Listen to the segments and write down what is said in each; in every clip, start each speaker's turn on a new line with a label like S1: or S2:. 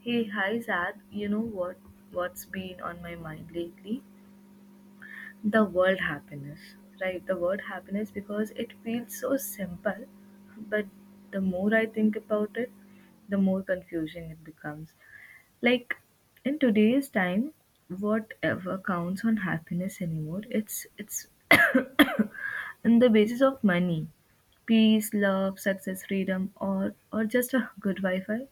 S1: Hey, hi Zad. You know what? What's been on my mind lately? The word happiness, right? The word happiness because it feels so simple, but the more I think about it, the more confusing it becomes. Like in today's time, whatever counts on happiness anymore, it's on the basis of money, peace, love, success, freedom, or just a good Wi-Fi.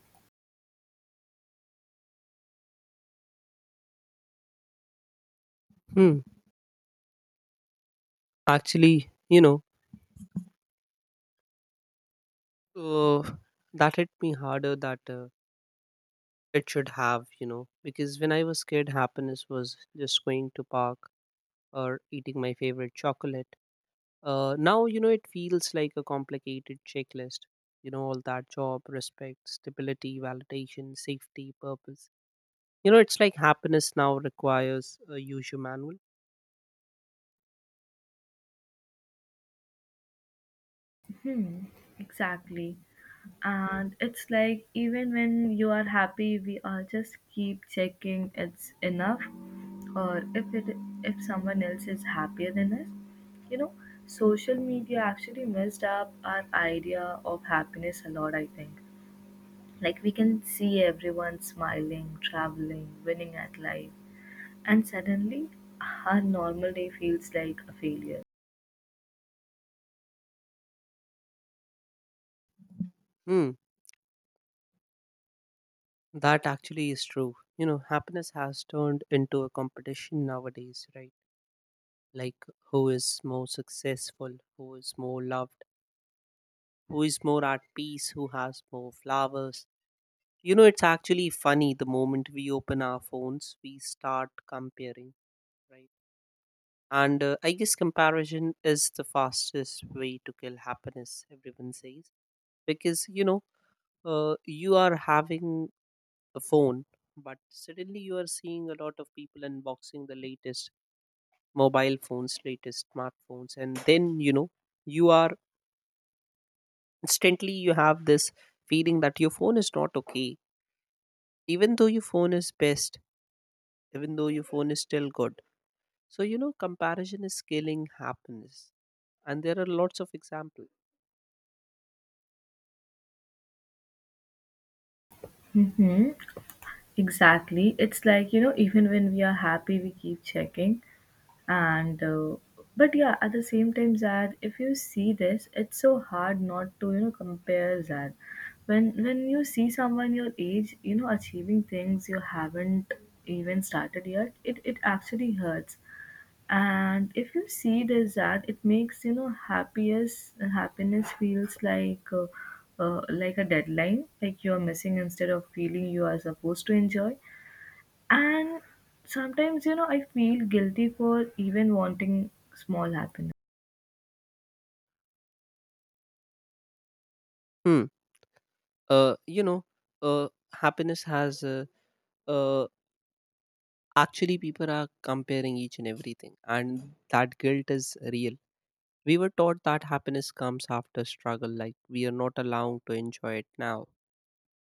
S2: Hmm. actually, you know, uh, that hit me harder that it should have, you know, because when I was kid, happiness was just going to park or eating my favorite chocolate. Now, you know, it feels like a complicated checklist. You know, all that job, respect, stability, validation, safety, purpose. You know, it's like happiness now requires a user manual.
S1: Hmm, exactly. And it's like even when you are happy, we all just keep checking it's enough or if it if someone else is happier than us, you know. Social media actually messed up our idea of happiness a lot, I think. Like we can see everyone smiling, traveling, winning at life, and suddenly our normal day feels like a failure.
S2: Hmm, that actually is true. You know, happiness has turned into a competition nowadays, right? Like who is more successful, who is more loved, who is more at peace, who has more flowers. You know, it's actually funny, the moment we open our phones, we start comparing, right? And I guess comparison is the fastest way to kill happiness, everyone says. Because, you know, you are having a phone, but suddenly you are seeing a lot of people unboxing the latest mobile phones, latest smartphones, and then, you know, you are instantly you have this feeling that your phone is not okay, even though your phone is best, even though your phone is still good. So you know, comparison is killing happiness and there are lots of examples.
S1: Mm-hmm, exactly. It's like, you know, even when we are happy we keep checking. And But yeah, at the same time, Zad, if you see this, it's so hard not to, you know, compare, Zad. When you see someone your age, you know, achieving things you haven't even started yet, it actually hurts. And if you see this, Zad, it makes, you know, happiest happiness feels like a deadline like you're missing instead of feeling you are supposed to enjoy. And sometimes, you know, I feel guilty for even wanting small happiness.
S2: Hmm. uh, you know uh, Happiness has uh, actually, people are comparing each and everything, and that guilt is real. We were taught that happiness comes after struggle, like we are not allowed to enjoy it now.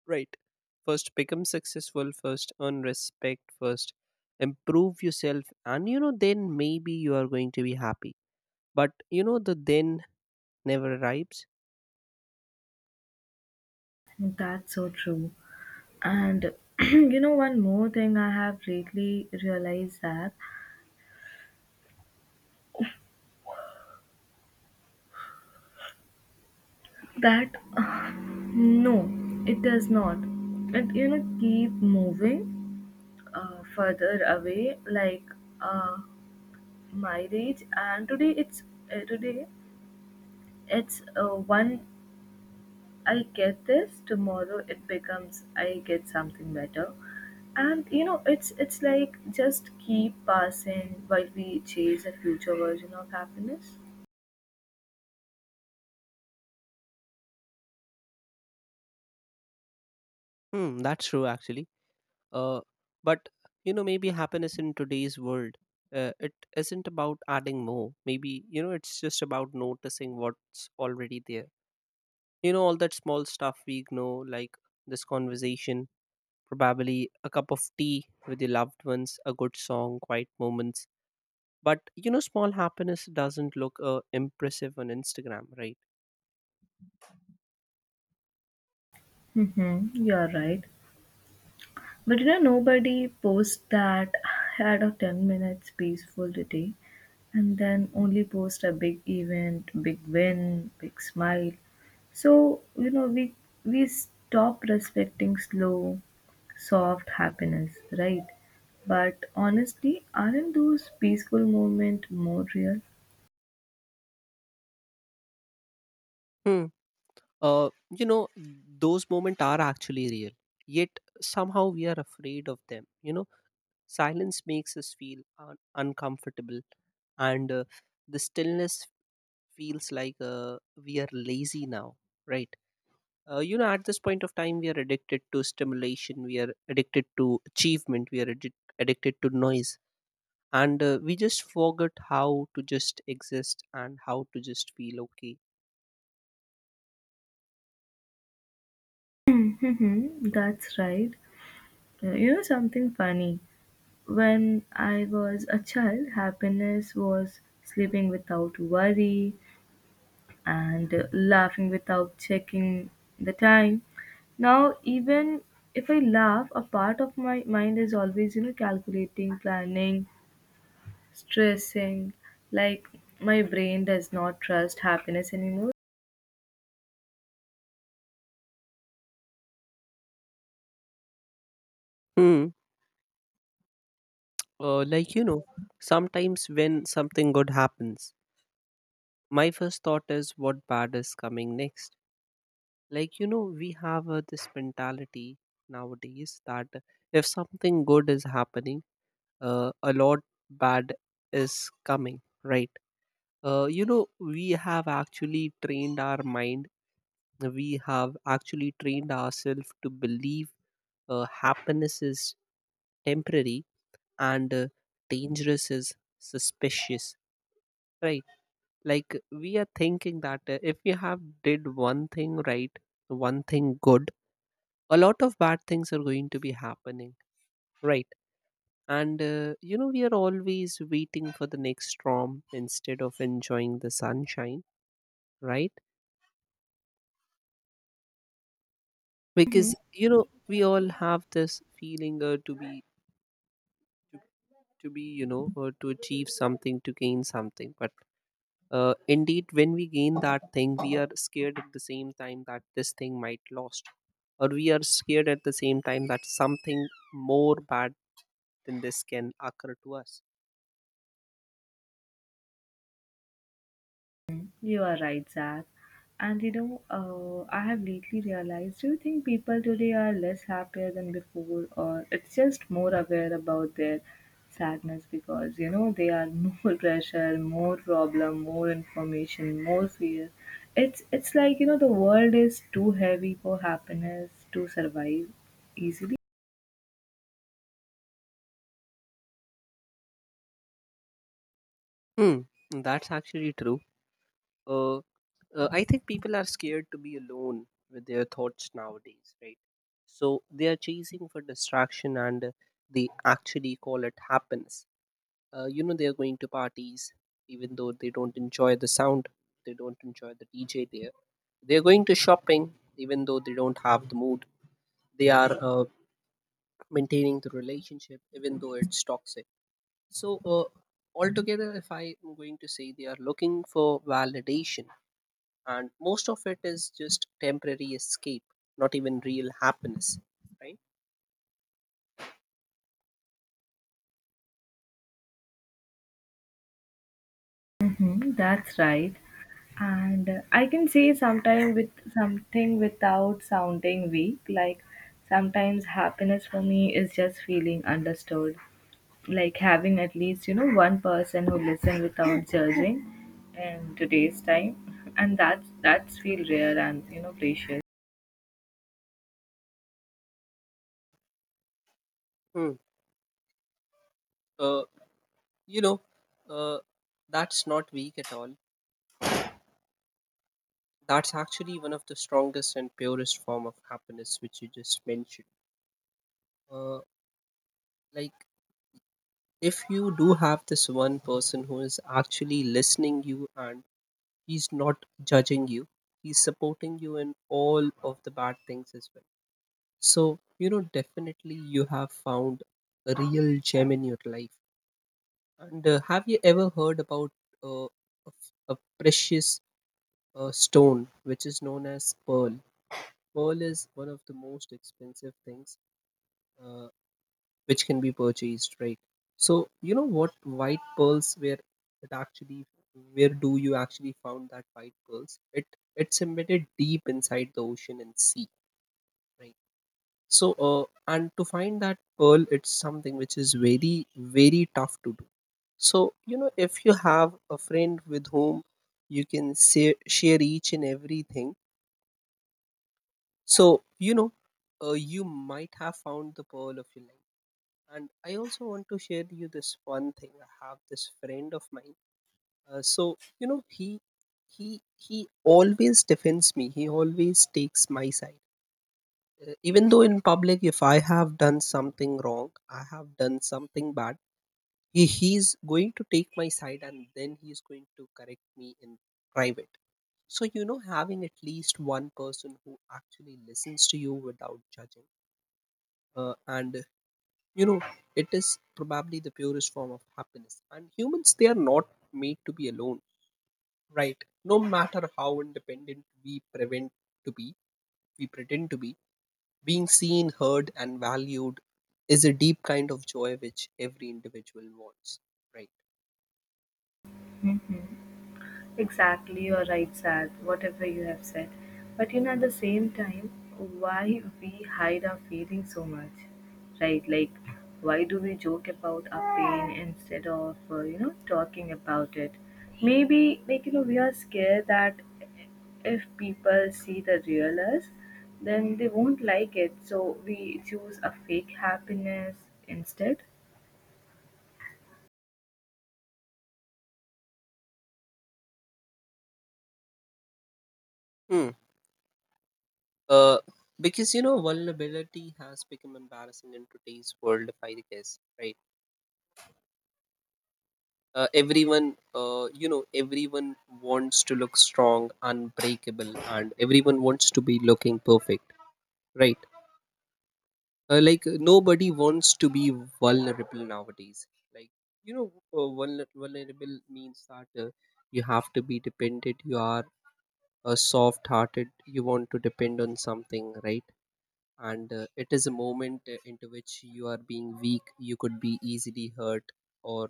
S2: Right. First, become successful first, earn respect first, improve yourself, and you know, then maybe you are going to be happy. But you know, the then never arrives.
S1: That's so true. And you know, one more thing I have lately realized, that that no, it does not. It, you know, keep moving further away, like, uh, my age. And today it's uh, today one I get this, tomorrow it becomes I get something better. And you know, it's like just keep passing while we chase a future version of happiness.
S2: Hmm, that's true actually. Uh, but you know, maybe happiness in today's world, it isn't about adding more. Maybe you know, it's just about noticing what's already there. You know, all that small stuff we ignore, like this conversation, probably a cup of tea with your loved ones, a good song, quiet moments. But you know, small happiness doesn't look impressive on instagram, right?
S1: Mm-hmm, you're right. But you know, nobody posts that. I had a 10 minutes peaceful today and then only post a big event, big win, big smile. So, you know, we stop respecting slow, soft happiness, right? But honestly, aren't those peaceful moments more real?
S2: Hmm. uh, you know those moments are actually real, yet somehow we are afraid of them. You know, silence makes us feel uncomfortable, and the stillness feels like we are lazy now, right? You know, at this point of time, we are addicted to stimulation, we are addicted to achievement, we are addicted to noise. And we just forget how to just exist and how to just feel okay.
S1: That's right. You know something funny? When I was a child, happiness was sleeping without worry and laughing without checking the time. Now, even if I laugh, a part of my mind is always, you know, calculating, planning, stressing. Like, my brain does not trust happiness anymore.
S2: Hmm. Like you know, sometimes when something good happens, my first thought is what bad is coming next. Like you know, we have this mentality nowadays that if something good is happening, a lot bad is coming, right? You know, we have actually trained our mind, we have actually trained ourselves to believe happiness is temporary, and dangerous is suspicious, right? Like we are thinking that if we have did one thing right, one thing good, a lot of bad things are going to be happening, right? And you know, we are always waiting for the next storm instead of enjoying the sunshine, right? Because you know, we all have this feeling to be you know, to achieve something, to gain something, but indeed when we gain that thing, we are scared at the same time that this thing might lost, or we are scared at the same time that something more bad than this can occur to us.
S1: You are right, Zach. And you know, I have lately realized, do you think people today are less happier than before, or it's just more aware about their sadness, because you know they are more pressure, more problem, more information, more fear. It's like, you know, the world is too heavy for happiness to survive easily.
S2: Hmm. That's actually true. uh, I think people are scared to be alone with their thoughts nowadays, right? So they are chasing for distraction, and they actually call it happiness. You know, they are going to parties even though they don't enjoy the sound, they don't enjoy the dj there. They're going to shopping even though they don't have the mood. They are maintaining the relationship even though it's toxic. So, altogether, if I'm going to say, they are looking for validation, and most of it is just temporary escape, not even real happiness, right?
S1: Mm-hmm, that's right. and I can say sometimes with something without sounding weak, like sometimes happiness for me is just feeling understood, like having at least, you know, one person who listen without judging in today's time. And that's feel rare and, you know, precious.
S2: Hmm. Uh, you know, uh, that's not weak at all. That's actually one of the strongest and purest form of happiness which you just mentioned. Uh, like if you do have this one person who is actually listening you, and he's not judging you, he's supporting you in all of the bad things as well. So you know, definitely you have found a real gem in your life. And have you ever heard about uh, a a precious stone which is known as pearl? Pearl is one of the most expensive things uh, which can be purchased, right? So you know what white pearls, where it actually, where do you actually found that white pearls? It's embedded deep inside the ocean and sea, right? So and to find that pearl, it's something which is very very tough to do. So you know, if you have a friend with whom you can say, share each and everything, so you know, you might have found the pearl of your life. And I also want to share you this one thing. I have this friend of mine. So you know, he always defends me, he always takes my side. Even though in public, if I have done something wrong, I have done something bad, he's going to take my side and then he's going to correct me in private. So you know, having at least one person who actually listens to you without judging, uh, and you know, it is probably the purest form of happiness. And humans, they are not made to be alone, right? No matter how independent we prevent to be, we pretend to be, being seen, heard and valued is a deep kind of joy which every individual wants, right?
S1: Exactly, you're right, Sad, whatever you have said. But you know, at the same time, why we hide our feelings so much, right? Like, why do we joke about our pain instead of, you know, talking about it? Maybe, like, you know, we are scared that if people see the real us, then they won't like it. So we choose a fake happiness instead.
S2: Hmm. uh, because you know, vulnerability has become embarrassing in today's world, if I guess, right? Everyone You know, everyone wants to look strong, unbreakable, and everyone wants to be looking perfect, right? Like nobody wants to be vulnerable nowadays. Like you know, vulner- vulnerable means that you have to be dependent, you are soft hearted, you want to depend on something, right? And it is a moment into which you are being weak, you could be easily hurt, or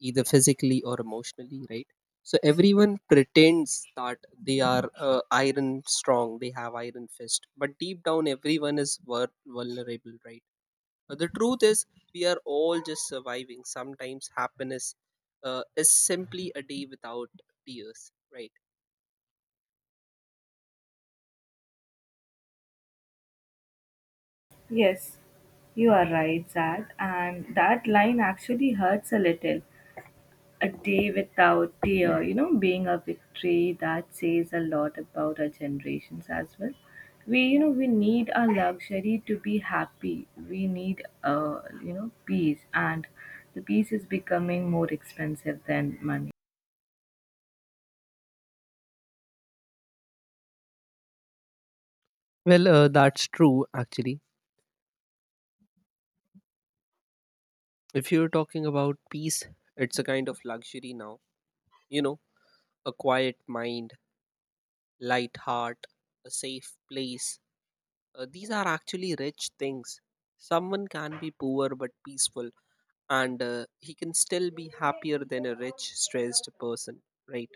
S2: either physically or emotionally, right? So everyone pretends that they are iron strong, they have iron fist, but deep down, everyone is vulnerable, right? The truth is we are all just surviving. Sometimes happiness is simply a day without tears, right?
S1: Yes, you are right, Zad. And that line actually hurts a little. A day without tear, you know, being a victory, that says a lot about our generations as well. We, you know, we need our luxury to be happy. We need, you know, peace, and the peace is becoming more expensive than money.
S2: Well, that's true actually. If you're talking about peace, it's a kind of luxury now. You know, a quiet mind, light heart, a safe place. These are actually rich things. Someone can be poor but peaceful, and he can still be happier than a rich, stressed person, right?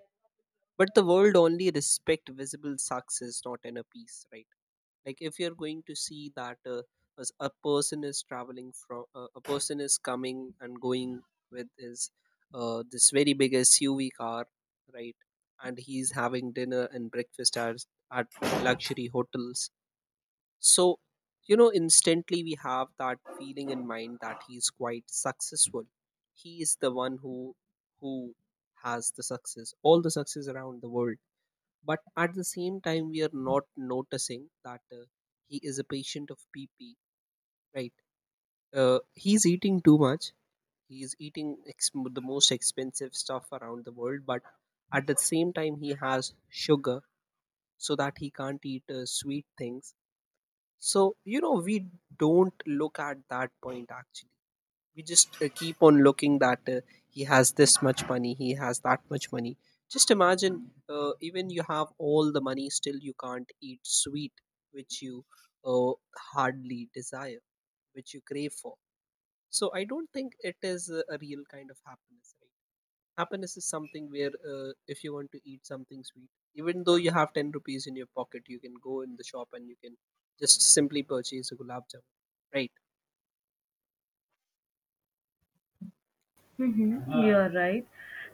S2: But the world only respect visible success, not inner peace, right? Like if you're going to see that as a person is traveling from, a person is coming and going with his this very big SUV car, right? And he's having dinner and breakfast at luxury hotels. So, you know, instantly we have that feeling in mind that he's quite successful. He is the one who has the success, all the success around the world. But at the same time, we are not noticing that he is a patient of PP, right? He's eating too much. He's eating the most expensive stuff around the world, but at the same time, he has sugar so that he can't eat sweet things. So, you know, we don't look at that point actually. We just keep on looking that he has this much money, he has that much money. Just imagine, even you have all the money, still you can't eat sweet, which you uh, hardly desire, which you crave for. So, I don't think it is a real kind of happiness, right? Happiness is something where if you want to eat something sweet, even though you have 10 rupees in your pocket, you can go in the shop and you can just simply purchase a gulab jamun, right?
S1: Mm-hmm. You're right,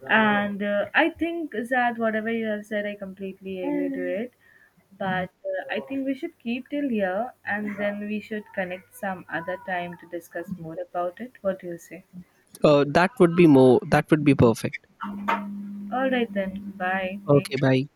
S1: and I think that whatever you have said, I completely agree to it, but I think we should keep till here and then we should connect some other time to discuss more about it. What do you say?
S2: That would be more. That would be perfect.
S1: All right then. Bye.
S2: Okay,
S1: Take
S2: bye.